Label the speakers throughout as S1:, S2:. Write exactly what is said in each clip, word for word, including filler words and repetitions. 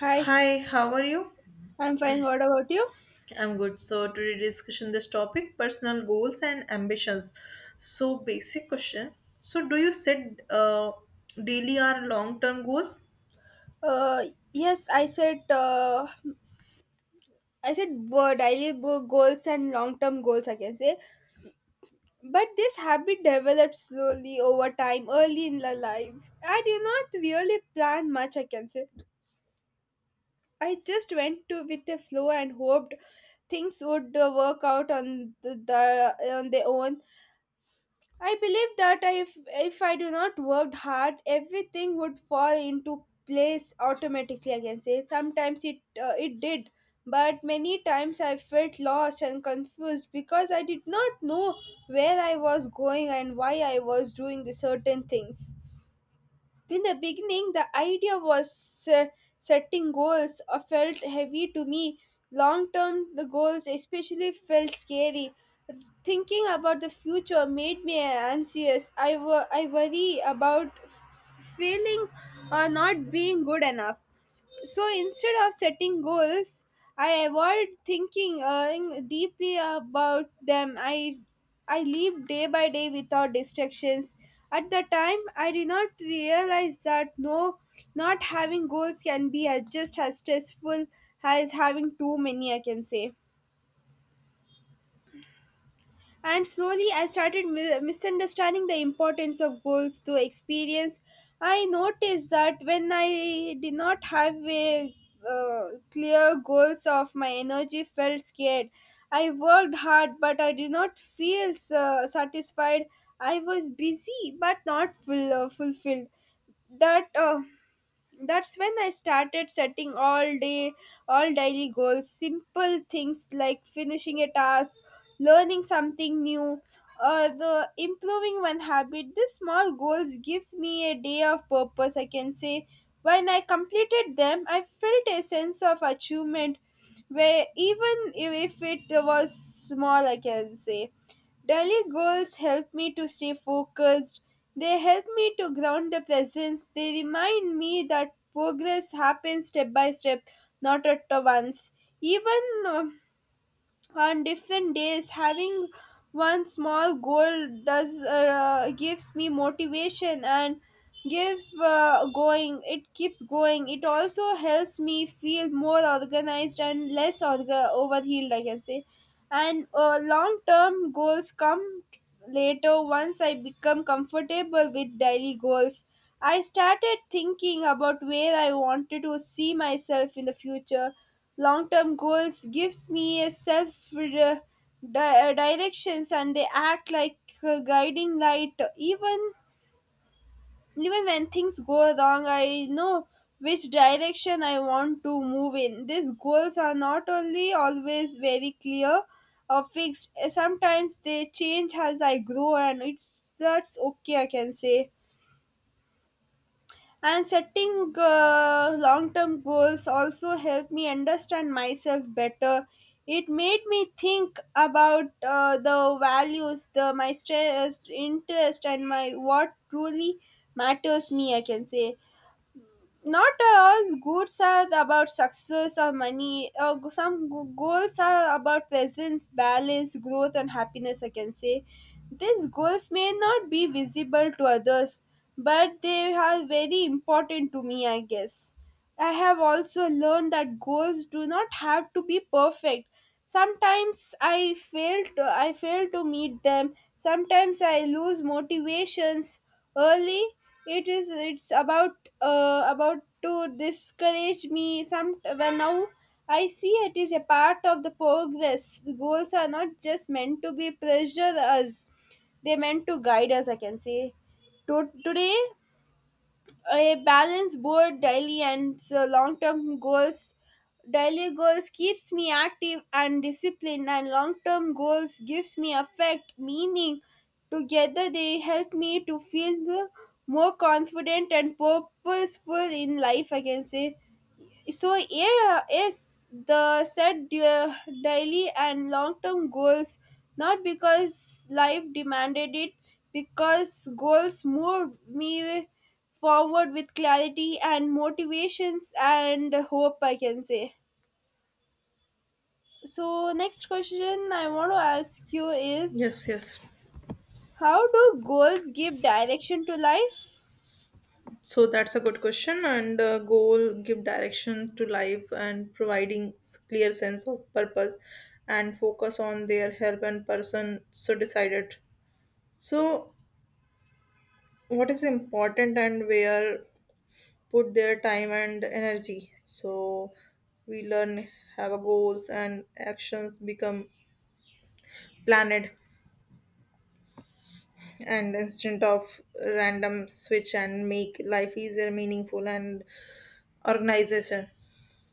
S1: Hi,
S2: Hi, how are you?
S1: I'm fine. What about you?
S2: I'm good. So today discussion this topic personal goals and ambitions. So basic question. So do you set uh, daily or long term goals?
S1: Uh, yes, I said uh, I said bo- daily bo- goals and long-term goals, I can say, but this habit develops slowly over time, early in the life. I did not really plan much, I can say. I just went to with the flow and hoped things would uh, work out on the, the on their own. I believe that if if I do not work hard, everything would fall into place automatically. I can say sometimes it uh, it did, but many times I felt lost and confused because I did not know where I was going and why I was doing the certain things. In the beginning, the idea was uh, setting goals uh, felt heavy to me. Long term goals, especially, felt scary. Thinking about the future made me anxious. I, wo- I worry about failing or not being good enough. So instead of setting goals, I avoid thinking uh, in- deeply about them. I i live day by day without distractions. At the time I did not realize that no not having goals can be as just as stressful as having too many, I can say. And slowly, I started mi- misunderstanding the importance of goals to experience. I noticed that when I did not have a uh, clear goals of my energy felt scared. I worked hard, but I did not feel uh, satisfied. I was busy, but not full, uh, fulfilled. That uh, that's when I started setting all day all daily goals, simple things like finishing a task, learning something new, or the improving one habit. These small goals gives me a day of purpose, I can say. When I completed them, I felt a sense of achievement, where even if if it was small, I can say. Daily goals help me to stay focused. They help me to ground the presence. They remind me that progress happens step by step, not at once. Even uh, on different days, having one small goal does uh, gives me motivation and gives uh, going. It keeps going. It also helps me feel more organized and less orga- overhealed, I can say. And uh, long term goals come later, once I become comfortable with daily goals. I started thinking about where I wanted to see myself in the future. Long term goals gives me a self uh, di- uh, directions, and they act like a guiding light. Even even when things go wrong, I know which direction I want to move in. These goals are not only always very clear or fixed. Eh, sometimes they change as I grow, and it's that's okay, I can say. And setting uh, long term goals also helped me understand myself better. It made me think about uh, the values, the my stress, interest, and my what truly matters me, I can say. Not all goals are about success or money. Uh, g- some g- goals are about presence, balance, growth, and happiness, I can say. These goals may not be visible to others, but they are very important to me, I guess. I have also learned that goals do not have to be perfect. Sometimes I fail to, I fail to meet them. Sometimes I lose motivations early. It is it's about uh, about to discourage me. Some when now I see it is a part of the progress. Goals are not just meant to be pressure us; they meant to guide us, I can say. To- today a balance board daily and long term goals. Daily goals keeps me active and disciplined, and long term goals gives me effect, meaning together they help me to feel more confident and purposeful in life, I can say. So here uh, is the set du- daily and long-term goals, not because life demanded it, because goals moved me forward with clarity and motivations and hope, I can say. So next question I want to ask you is,
S2: Yes, yes.
S1: how do goals give direction to life?
S2: So that's a good question. And uh, goal give direction to life and providing s- clear sense of purpose and focus on their help and person so decided. So what is important and where put their time and energy. So we learn, have a goals, and actions become planned and instead of random switch and make life easier, meaningful, and organization.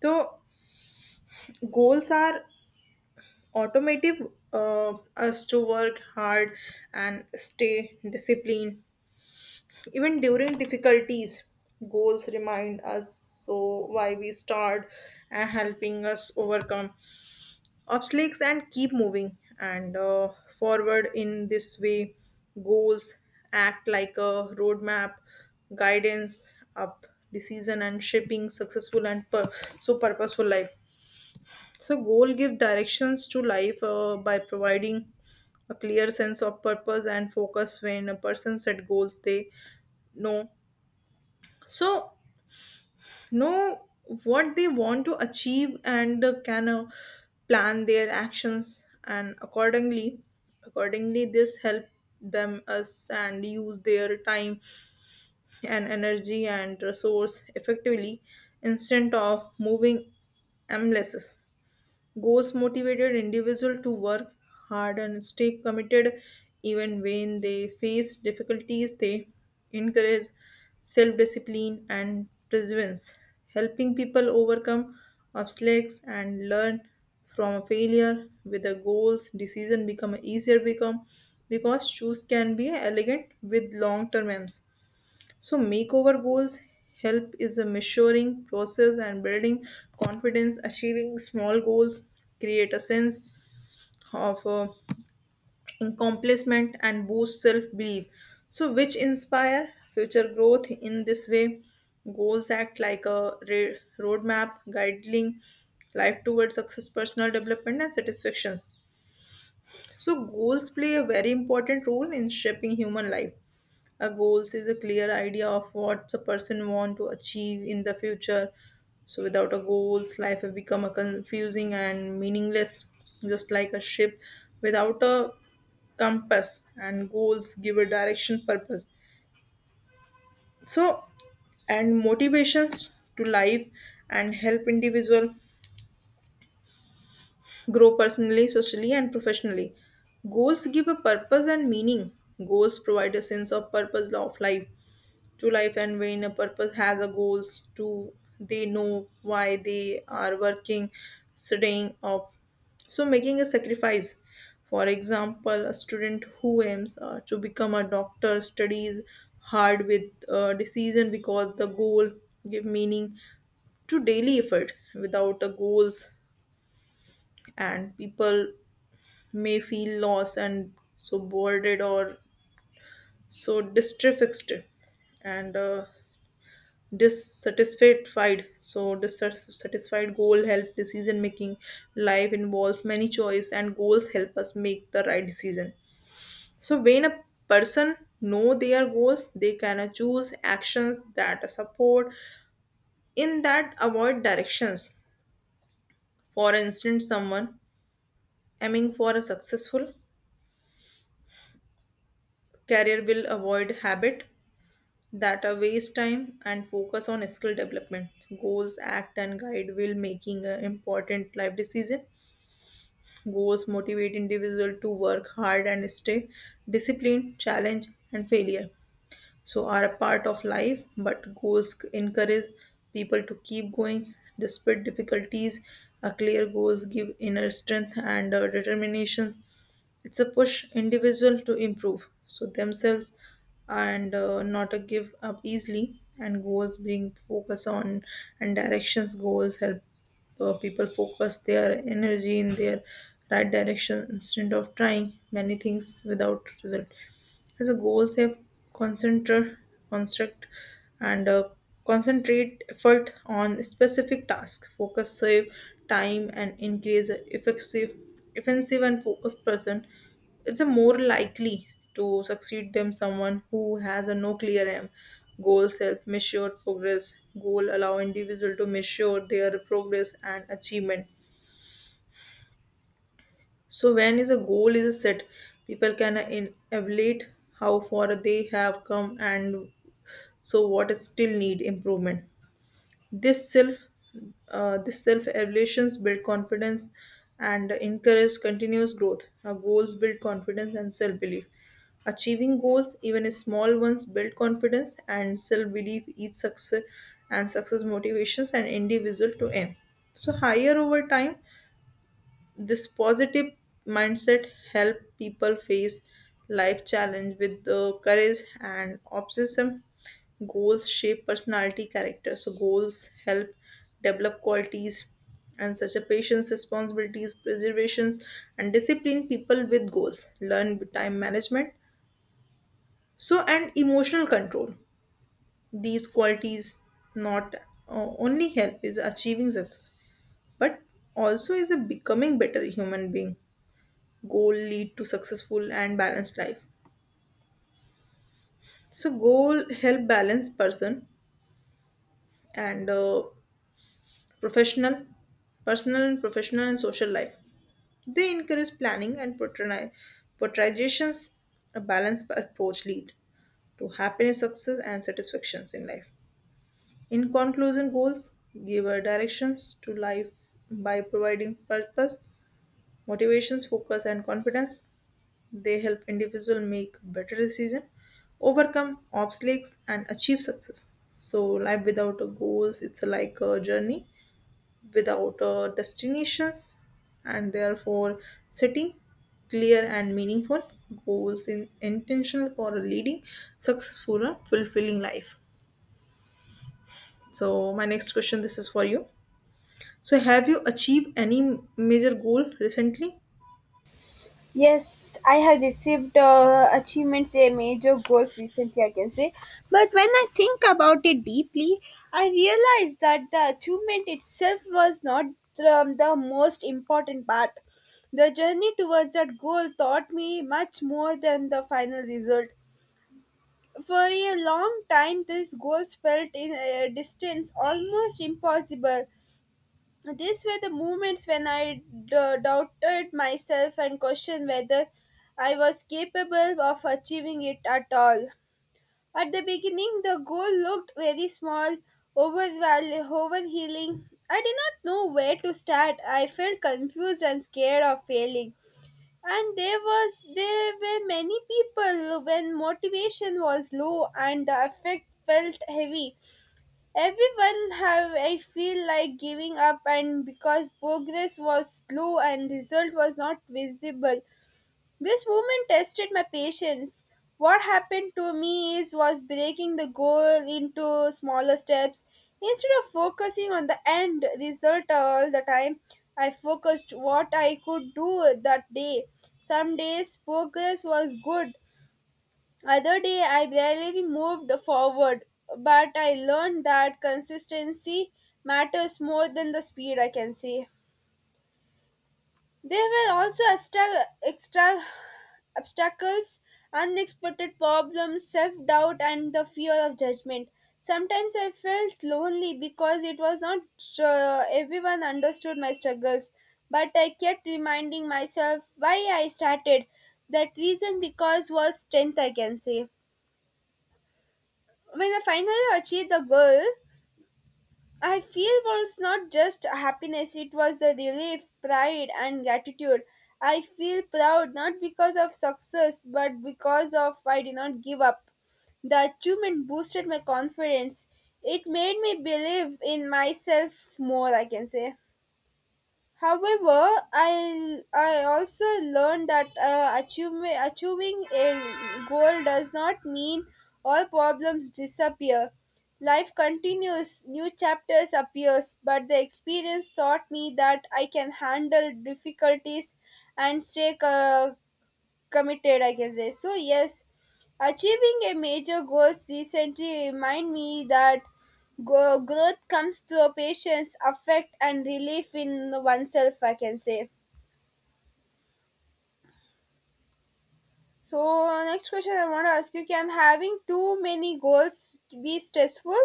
S2: So goals are automative uh, us to work hard and stay disciplined even during difficulties. Goals remind us so why we start and helping us overcome obstacles and keep moving and uh, forward in this way. Goals act like a roadmap guidance up decision and shaping successful and pur- so purposeful life. So goal give directions to life uh, by providing a clear sense of purpose and focus when a person set goals they know so know what they want to achieve and uh, can uh, plan their actions and accordingly accordingly this help them us and use their time and energy and resource effectively, instead of moving aimless. Goals motivated individual to work hard and stay committed even when they face difficulties. They encourage self-discipline and perseverance, helping people overcome obstacles and learn from failure with the goals decision become easier become because shoes can be elegant with long term aims. So, makeover goals help is a measuring process and building confidence, achieving small goals, create a sense of uh, accomplishment and boost self belief. So, which inspire future growth in this way. Goals act like a re- roadmap guiding life towards success, personal development, and satisfactions. So, goals play a very important role in shaping human life. A goals is a clear idea of what a person want to achieve in the future. So without a goals, life will become a confusing and meaningless, just like a ship without a compass. And goals give a direction, purpose. So and motivations to life and help individual grow personally, socially, and professionally. Goals give a purpose and meaning. Goals provide a sense of purpose of life to life, and when a purpose has a goals to they know why they are working staying up so making a sacrifice. For example, a student who aims uh, to become a doctor studies hard with uh, decision because the goal give meaning to daily effort without a goals, and people may feel lost and so bored or so distressed and uh, dissatisfied. So dissatisfied goal help decision making. Life involves many choice and goals help us make the right decision. So when a person know their goals, they can choose actions that support in that avoid directions. For instance, someone aiming for a successful career will avoid habit that are waste time and focus on skill development. Goals act and guide will making an important life decision. Goals motivate individual to work hard and stay disciplined challenge and failure so are a part of life, but goals encourage people to keep going despite difficulties. A clear goals give inner strength and uh, determination. It's a push individual to improve so themselves and uh, not a give up easily. And goals bring focus on and directions. Goals help uh, people focus their energy in their right direction instead of trying many things without result. As a goals have concentrate construct and uh, concentrate effort on specific task focus save time and increase effective offensive and focused person. It's a more likely to succeed than someone who has a no clear aim. Goals help measure progress. Goal allow individual to measure their progress and achievement. So when is a goal is set, people can in- evaluate how far they have come and so what is still need improvement. This self uh, this self evaluations build confidence and encourage continuous growth. Our goals build confidence and self belief. Achieving goals, even small ones, build confidence and self belief. Each success and success motivations an individual to aim. So higher over time this positive mindset help people face life challenge with the courage and optimism. Goals shape personality character so goals help develop qualities and such a patience responsibilities preservations and discipline. People with goals learn with time management so and emotional control. These qualities not uh, only help is achieving success, but also is a becoming better human being. Goal lead to successful and balanced life so goal help balance person and uh, professional personal and professional and social life. They encourage planning and portray- portrayations. A balanced approach lead to happiness success and satisfactions in life. In conclusion, goals give a directions to life by providing purpose motivations focus and confidence. They help individual make better decisions, overcome obstacles, and achieve success. So life without a goals, it's like a journey without a destinations, and therefore setting clear and meaningful goals in intentional for a leading successful and fulfilling life. So my next question, this is for you. So have you achieved any major goal recently?
S1: Yes, I have received uh, achievements, a major goals recently, I can say. But when I think about it deeply, I realize that the achievement itself was not um, the most important part. The journey towards that goal taught me much more than the final result. For a long time, these goals felt in a distance, almost impossible. These were the moments when I d- doubted myself and questioned whether I was capable of achieving it at all. At the beginning, the goal looked very small, overval- overhealing. I did not know where to start. I felt confused and scared of failing. And there was there were many people when motivation was low and the effect felt heavy. Everyone have I feel like giving up and because progress was slow and result was not visible. This movement tested my patience. What happened to me is was breaking the goal into smaller steps. Instead of focusing on the end result all the time, I focused what I could do that day. Some days progress was good, other day I barely moved forward, but I learned that consistency matters more than the speed, I can say. There were also extra, extra obstacles, unexpected problems, self doubt, and the fear of judgment. Sometimes I felt lonely because it was not uh, everyone understood my struggles, but I kept reminding myself why I started. That reason because was strength, I can say. When I finally achieved the goal, I feel was not just happiness, it was the relief, pride, and gratitude. I feel proud not because of success but because of I did not give up. The achievement boosted my confidence. It made me believe in myself more, I can say. However, I I also learned that uh, achieving achieving a goal does not mean all problems disappear. Life continues, new chapters appears, but the experience taught me that I can handle difficulties and stay uh, committed, I can say. So yes, achieving a major goals recently remind me that go- growth comes through patience affect and relief in oneself, I can say. So next question I want to ask you, can having too many goals be stressful?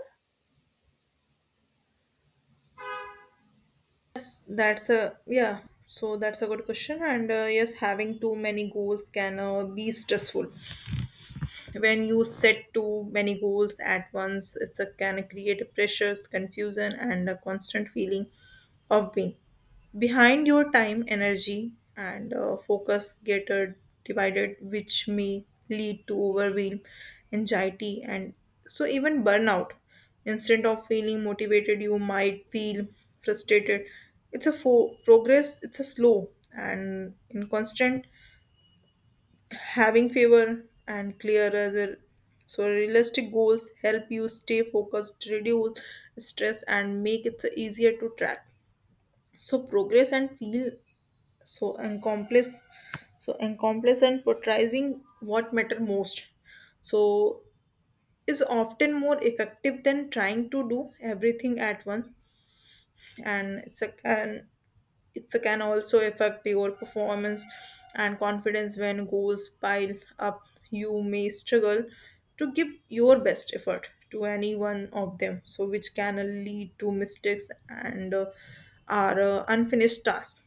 S2: That's that's a yeah. So that's a good question. And uh, yes, having too many goals can uh, be stressful. When you set too many goals at once, it's a can create pressures, confusion, and a constant feeling of being behind your time, energy, and uh, focus get uh, divided, which may lead to overwhelm, anxiety, and so even burnout. Instead of feeling motivated, you might feel frustrated. It's a fo- progress. It's a slow and in constant having fewer and clearer so realistic goals help you stay focused reduce stress and make it easier to track so progress and feel so accomplished so accomplished and prioritizing what matter most so is often more effective than trying to do everything at once. And it's a, and it can also affect your performance and confidence when goals pile up. You may struggle to give your best effort to any one of them, so which can lead to mistakes and uh, are uh, unfinished tasks.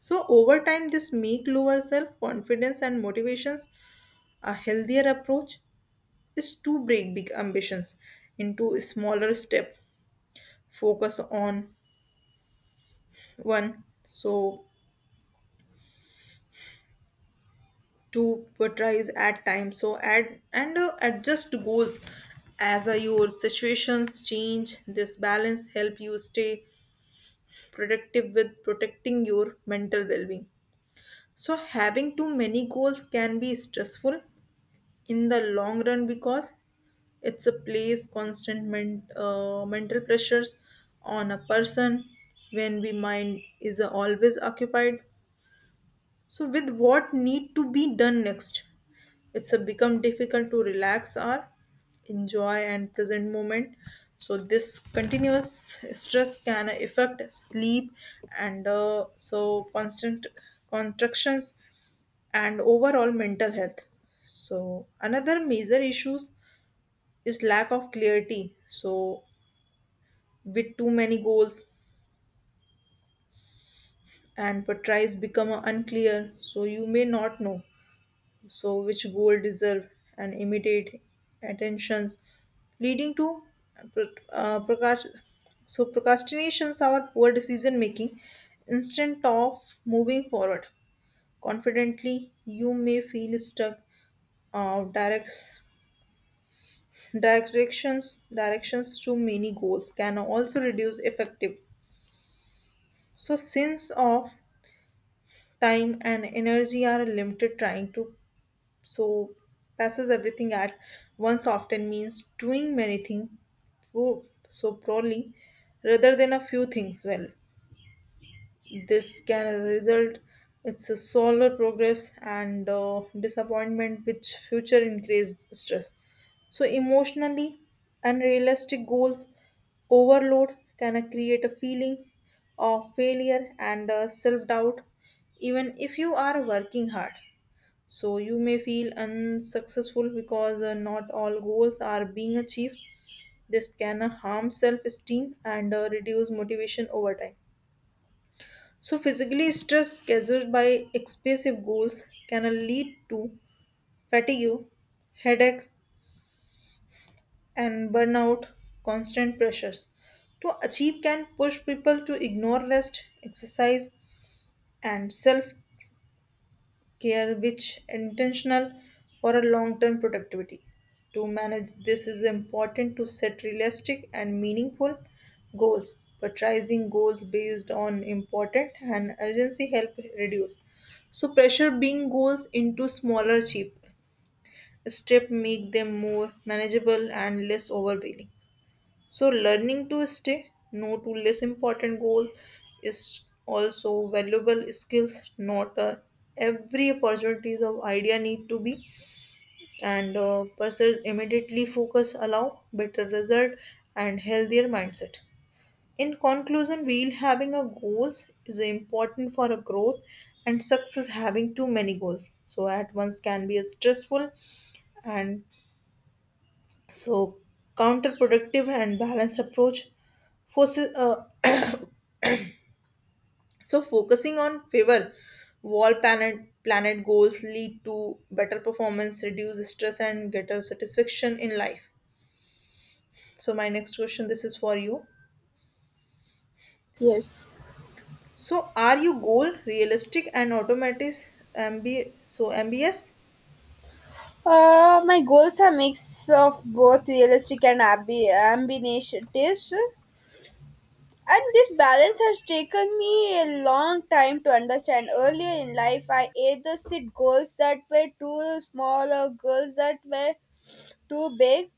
S2: So over time, this make lower self confidence and motivations. A healthier approach is to break big ambitions into smaller step. Focus on one. So to prioritize at times so add and uh, adjust goals as uh, your situations change this balance help you stay productive with protecting your mental well-being. So having too many goals can be stressful in the long run because it's a place constant men- uh, mental pressures on a person when we mind is uh, always occupied. So with what need to be done next? It's a become difficult to relax or enjoy and present moment. So this continuous stress can affect sleep and uh, so constant contractions and overall mental health. So another major issues is lack of clarity. So with too many goals and priorities become unclear, so you may not know so which goal deserve and immediate attentions, leading to pro- uh, procrast- so procrastinations are poor decision making. Instead of moving forward confidently, you may feel stuck uh, directs directions directions to many goals can also reduce effective so since of time and energy are limited trying to so passes everything at once often means doing many things pro- so poorly rather than a few things well. This can result it's a slower progress and uh, disappointment which future increased stress. So emotionally unrealistic goals overload can uh, create a feeling of failure and uh, self-doubt even if you are working hard, so you may feel unsuccessful because uh, not all goals are being achieved. This can uh, harm self esteem and uh, reduce motivation over time. So, physically, stress caused by excessive goals can uh, lead to fatigue, headache, and burnout, constant pressures. To achieve can push people to ignore rest, exercise, and self care which intentional for a long-term productivity. To manage this is important to set realistic and meaningful goals. Prioritizing goals based on important and urgency help reduce. So pressure being goals into smaller cheap step make them more manageable and less overwhelming. So, learning to stay no to less important goals is also valuable skills. Not uh, every opportunities of idea need to be and uh, pursue immediately focus allow better result and healthier mindset. In conclusion, while having a goals is important for a growth and success having too many goals. So at once can be a stressful and so, counterproductive and balanced approach forces. Uh, so, focusing on favor wall planet planet goals lead to better performance, reduce stress, and greater satisfaction in life. So, my next question, this is for you.
S1: Yes,
S2: So, are you goal realistic and automatic? M B so M B S?
S1: uh, my goals are mix of both realistic and ambi- ambitious. And this balance has taken me a long time to understand. Earlier in life, I either set goals that were too small or goals that were too big.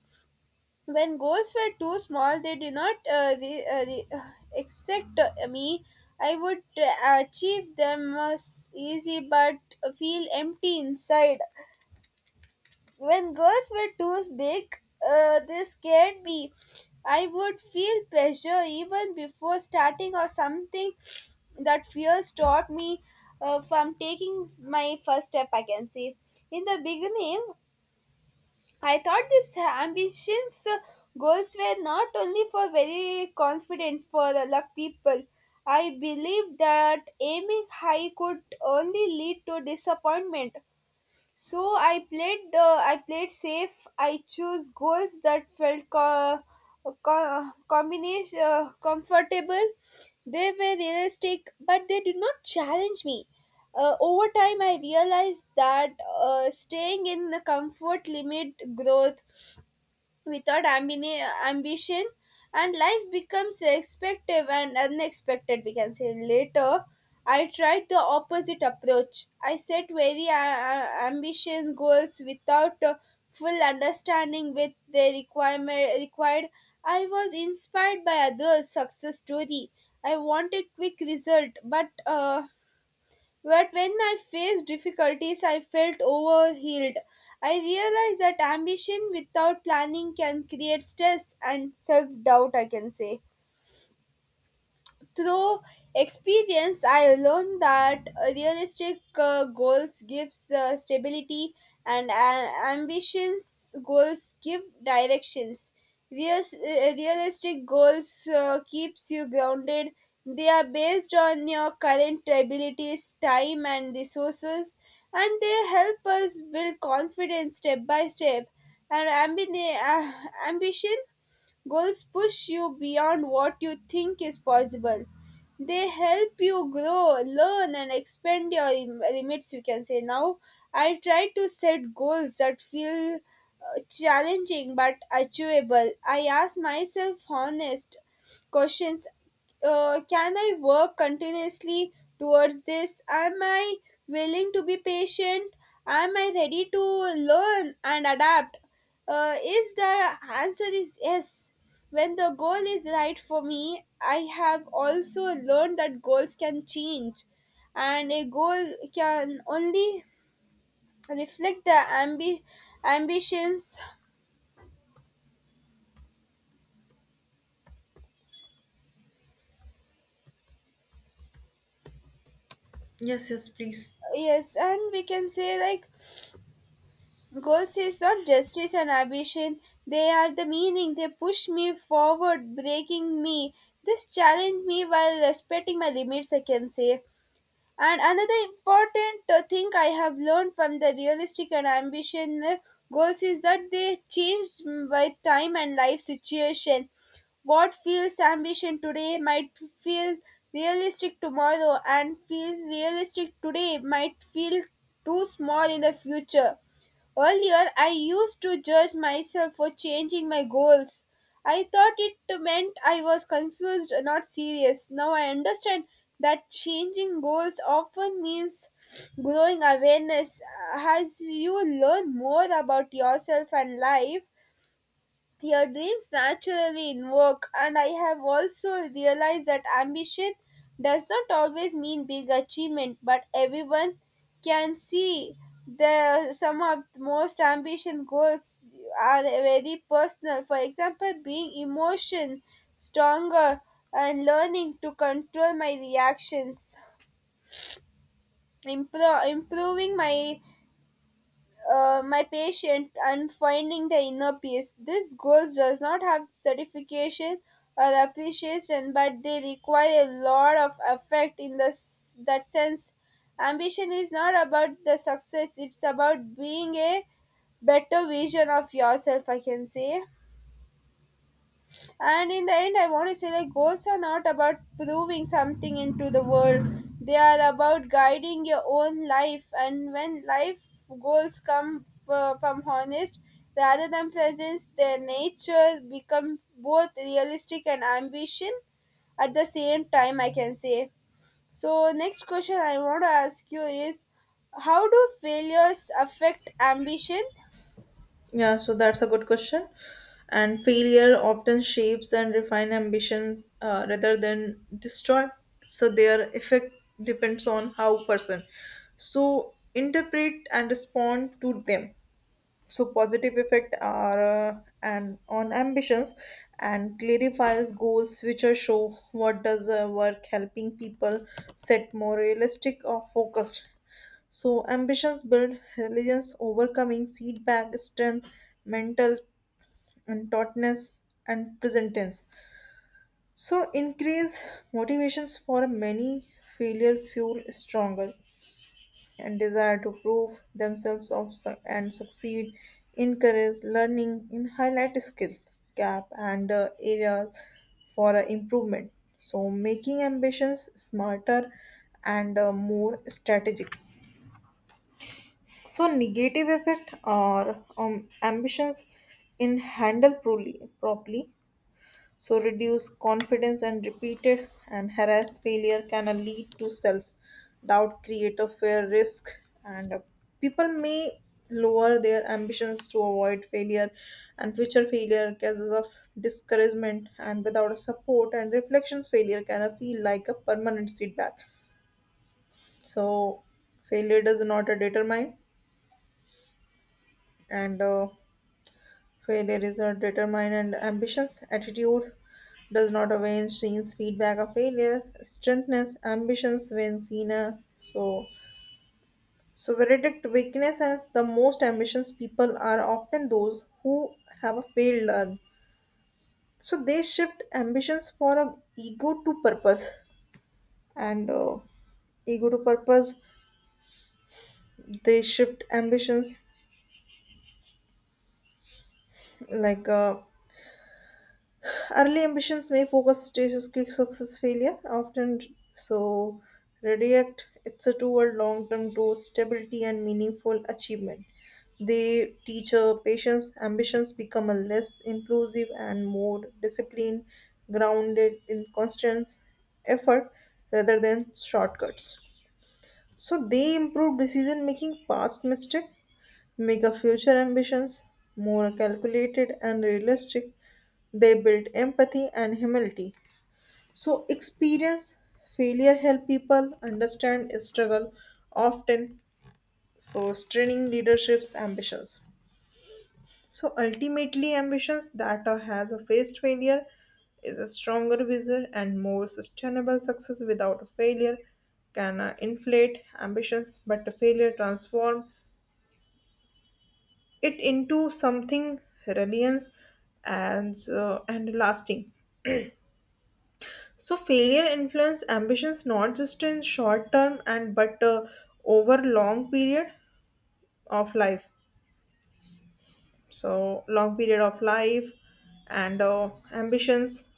S1: When goals were too small, they did not uh, re- uh, re- uh, accept uh, me. I would uh, achieve them as easy but feel empty inside. When girls were too big, uh, they scared me. I would feel pressure even before starting or something that fear stopped me uh, from taking my first step, I can say. In the beginning, I thought these ambitions uh, goals were not only for very confident for the luck people. I believed that aiming high could only lead to disappointment, so I played. Uh, I played safe. I chose goals that felt co- co- combination uh, comfortable. They were realistic, but they did not challenge me. Uh, over time, I realized that uh, staying in the comfort limit growth without ambini- ambition, and life becomes expectative and unexpected, we can say. Later I tried the opposite approach. I set very uh, uh, ambitious goals without uh, full understanding with the requirement required. I was inspired by others success story. I wanted quick result, but uh, but when I faced difficulties, I felt overwhelmed. I realized that ambition without planning can create stress and self doubt, I can say. Through experience, I learned that realistic uh, goals gives uh, stability, and uh, ambitions goals give directions. Real, uh, realistic goals uh, keeps you grounded. They are based on your current abilities, time, and resources, and they help us build confidence step by step. And ambi- uh, ambition goals push you beyond what you think is possible. They help you grow, learn, and expand your im- limits, you can say. Now I try to set goals that feel uh, challenging but achievable. I ask myself honest questions. Uh, can I work continuously towards this? Am I willing to be patient? Am I ready to learn and adapt? Uh, is the answer is yes, when the goal is right for me. I have also learned that goals can change, and a goal can only reflect the ambi- ambitions.
S2: Yes, yes, please.
S1: Yes, and we can say like goals is not justice and ambition. They are the meaning. They push me forward, breaking me. This challenge me while respecting my limits, I can say. And another important uh, thing I have learned from the realistic and ambition uh, goals is that they change by time and life situation. What feels ambition today might feel realistic tomorrow, and feel realistic today might feel too small in the future. Earlier, I used to judge myself for changing my goals. I thought it meant I was confused, not serious. Now I understand that changing goals often means growing awareness as you learn more about yourself and life. Your dreams naturally invoke, and I have also realized that ambition does not always mean big achievement, but everyone can see the some of the most ambition goals are very personal. For example, being emotion stronger and learning to control my reactions, impro- improving my uh, my patient and finding the inner peace. These goals does not have certification or appreciation, but they require a lot of effort in the, s- that sense. Ambition is not about the success; it's about being a better vision of yourself, I can say. And in the end, I want to say like goals are not about proving something into the world. They are about guiding your own life. And when life goals come uh, from honest rather than presence, their nature become both realistic and ambition at the same time, I can say. So next question I want to ask you is, how do failures affect ambition?
S2: Yeah, so that's a good question. And failure often shapes and refine ambitions uh, rather than destroy. So their effect depends on how person so interpret and respond to them, so positive effect are uh, and on ambitions and clarifies goals which are show what does uh, work helping people set more realistic or focused so ambitions build resilience overcoming setback strength mental and tautness and present tense so increase motivations for many failure fuel stronger and desire to prove themselves of, su- and succeed, encourage learning, and highlight skills gap and uh, areas for uh, improvement. So making ambitions smarter and uh, more strategic. So negative effect or um, ambitions in handle properly, properly so, reduced confidence and repeated and harassed failure can uh, lead to self doubt, create a fear, risk, and uh, people may lower their ambitions to avoid failure and future failure causes of discouragement and without a support and reflections failure can uh, feel like a permanent setback so failure does not uh, determine and uh, failure is a determined ambitions. Attitude does not await scenes feedback of failure. Strengthens ambitions when seen a so so verdict weakness as the most ambitious people are often those who have a failed learn. So they shift ambitions for a ego to purpose and uh, ego to purpose. They shift ambitions like uh, early ambitions may focus stages, quick success, failure, often so redirect it's a toward long-term growth, stability, and meaningful achievement. They teach a patience, ambitions become a less impulsive and more disciplined, grounded in constant effort rather than shortcuts. So they improve decision making past mistake make a future ambitions more calculated and realistic. They build empathy and humility. So experience failure help people understand struggle often. So straining leadership's ambitions. So ultimately ambitions that are- has a faced failure is a stronger vision and more sustainable success without a failure can uh, inflate ambitions but a failure transform it into something reliance and uh, and lasting so failure influence ambitions not just in short term and but uh, over long period of life so long period of life and uh, ambitions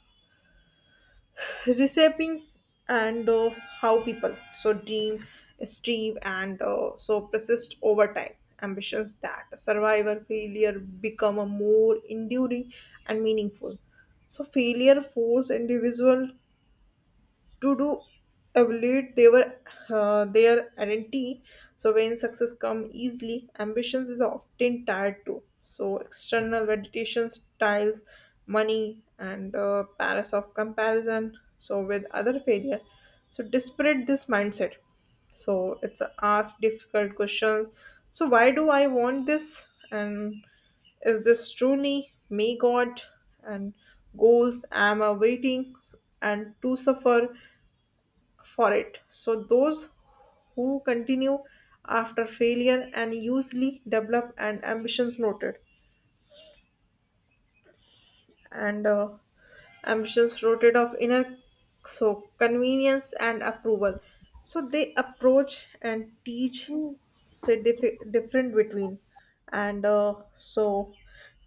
S2: reshaping and uh, how people so dream, strive, and uh, so persist over time. Ambitions that survive or failure become a more enduring and meaningful. So failure force individual to do evaluate their uh, their identity so when success come easily ambitions is often tied to so external validation styles money and uh, paris of comparison so with other failure so disparate this mindset so it's a ask difficult questions so why do I want this and is this truly me god and goals am awaiting and to suffer for it. So those who continue after failure and usually develop an ambitions noted and uh, ambitions floated of inner so convenience and approval. So they approach and teach say dif- different between and uh, so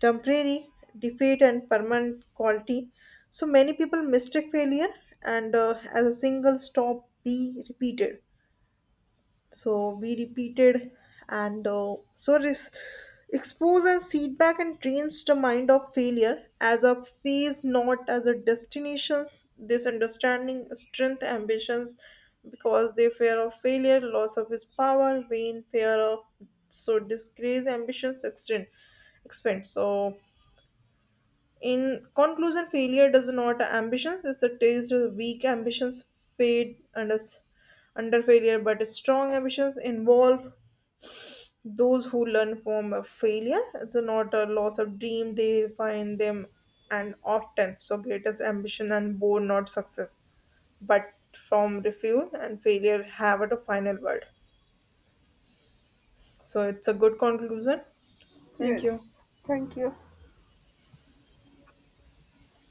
S2: temporary defeat and permanent quality. So many people mistake failure and uh, as a single stop be repeated so we repeated, and uh, so this expose and feedback and trains the mind of failure as a phase, not as a destinations. This understanding strength ambitions because they fear of failure, loss of his power, vain fear of so disgrace ambitions extend expand. So in conclusion, failure does not ambitions. It's a taste of weak ambitions fade under under failure, but strong ambitions involve those who learn from a failure. It's not a loss of dream. They find them and often so greatest ambition and born not success, but from refuel and failure have at a final word. So it's a good conclusion. Thank you.
S1: Yes, thank you.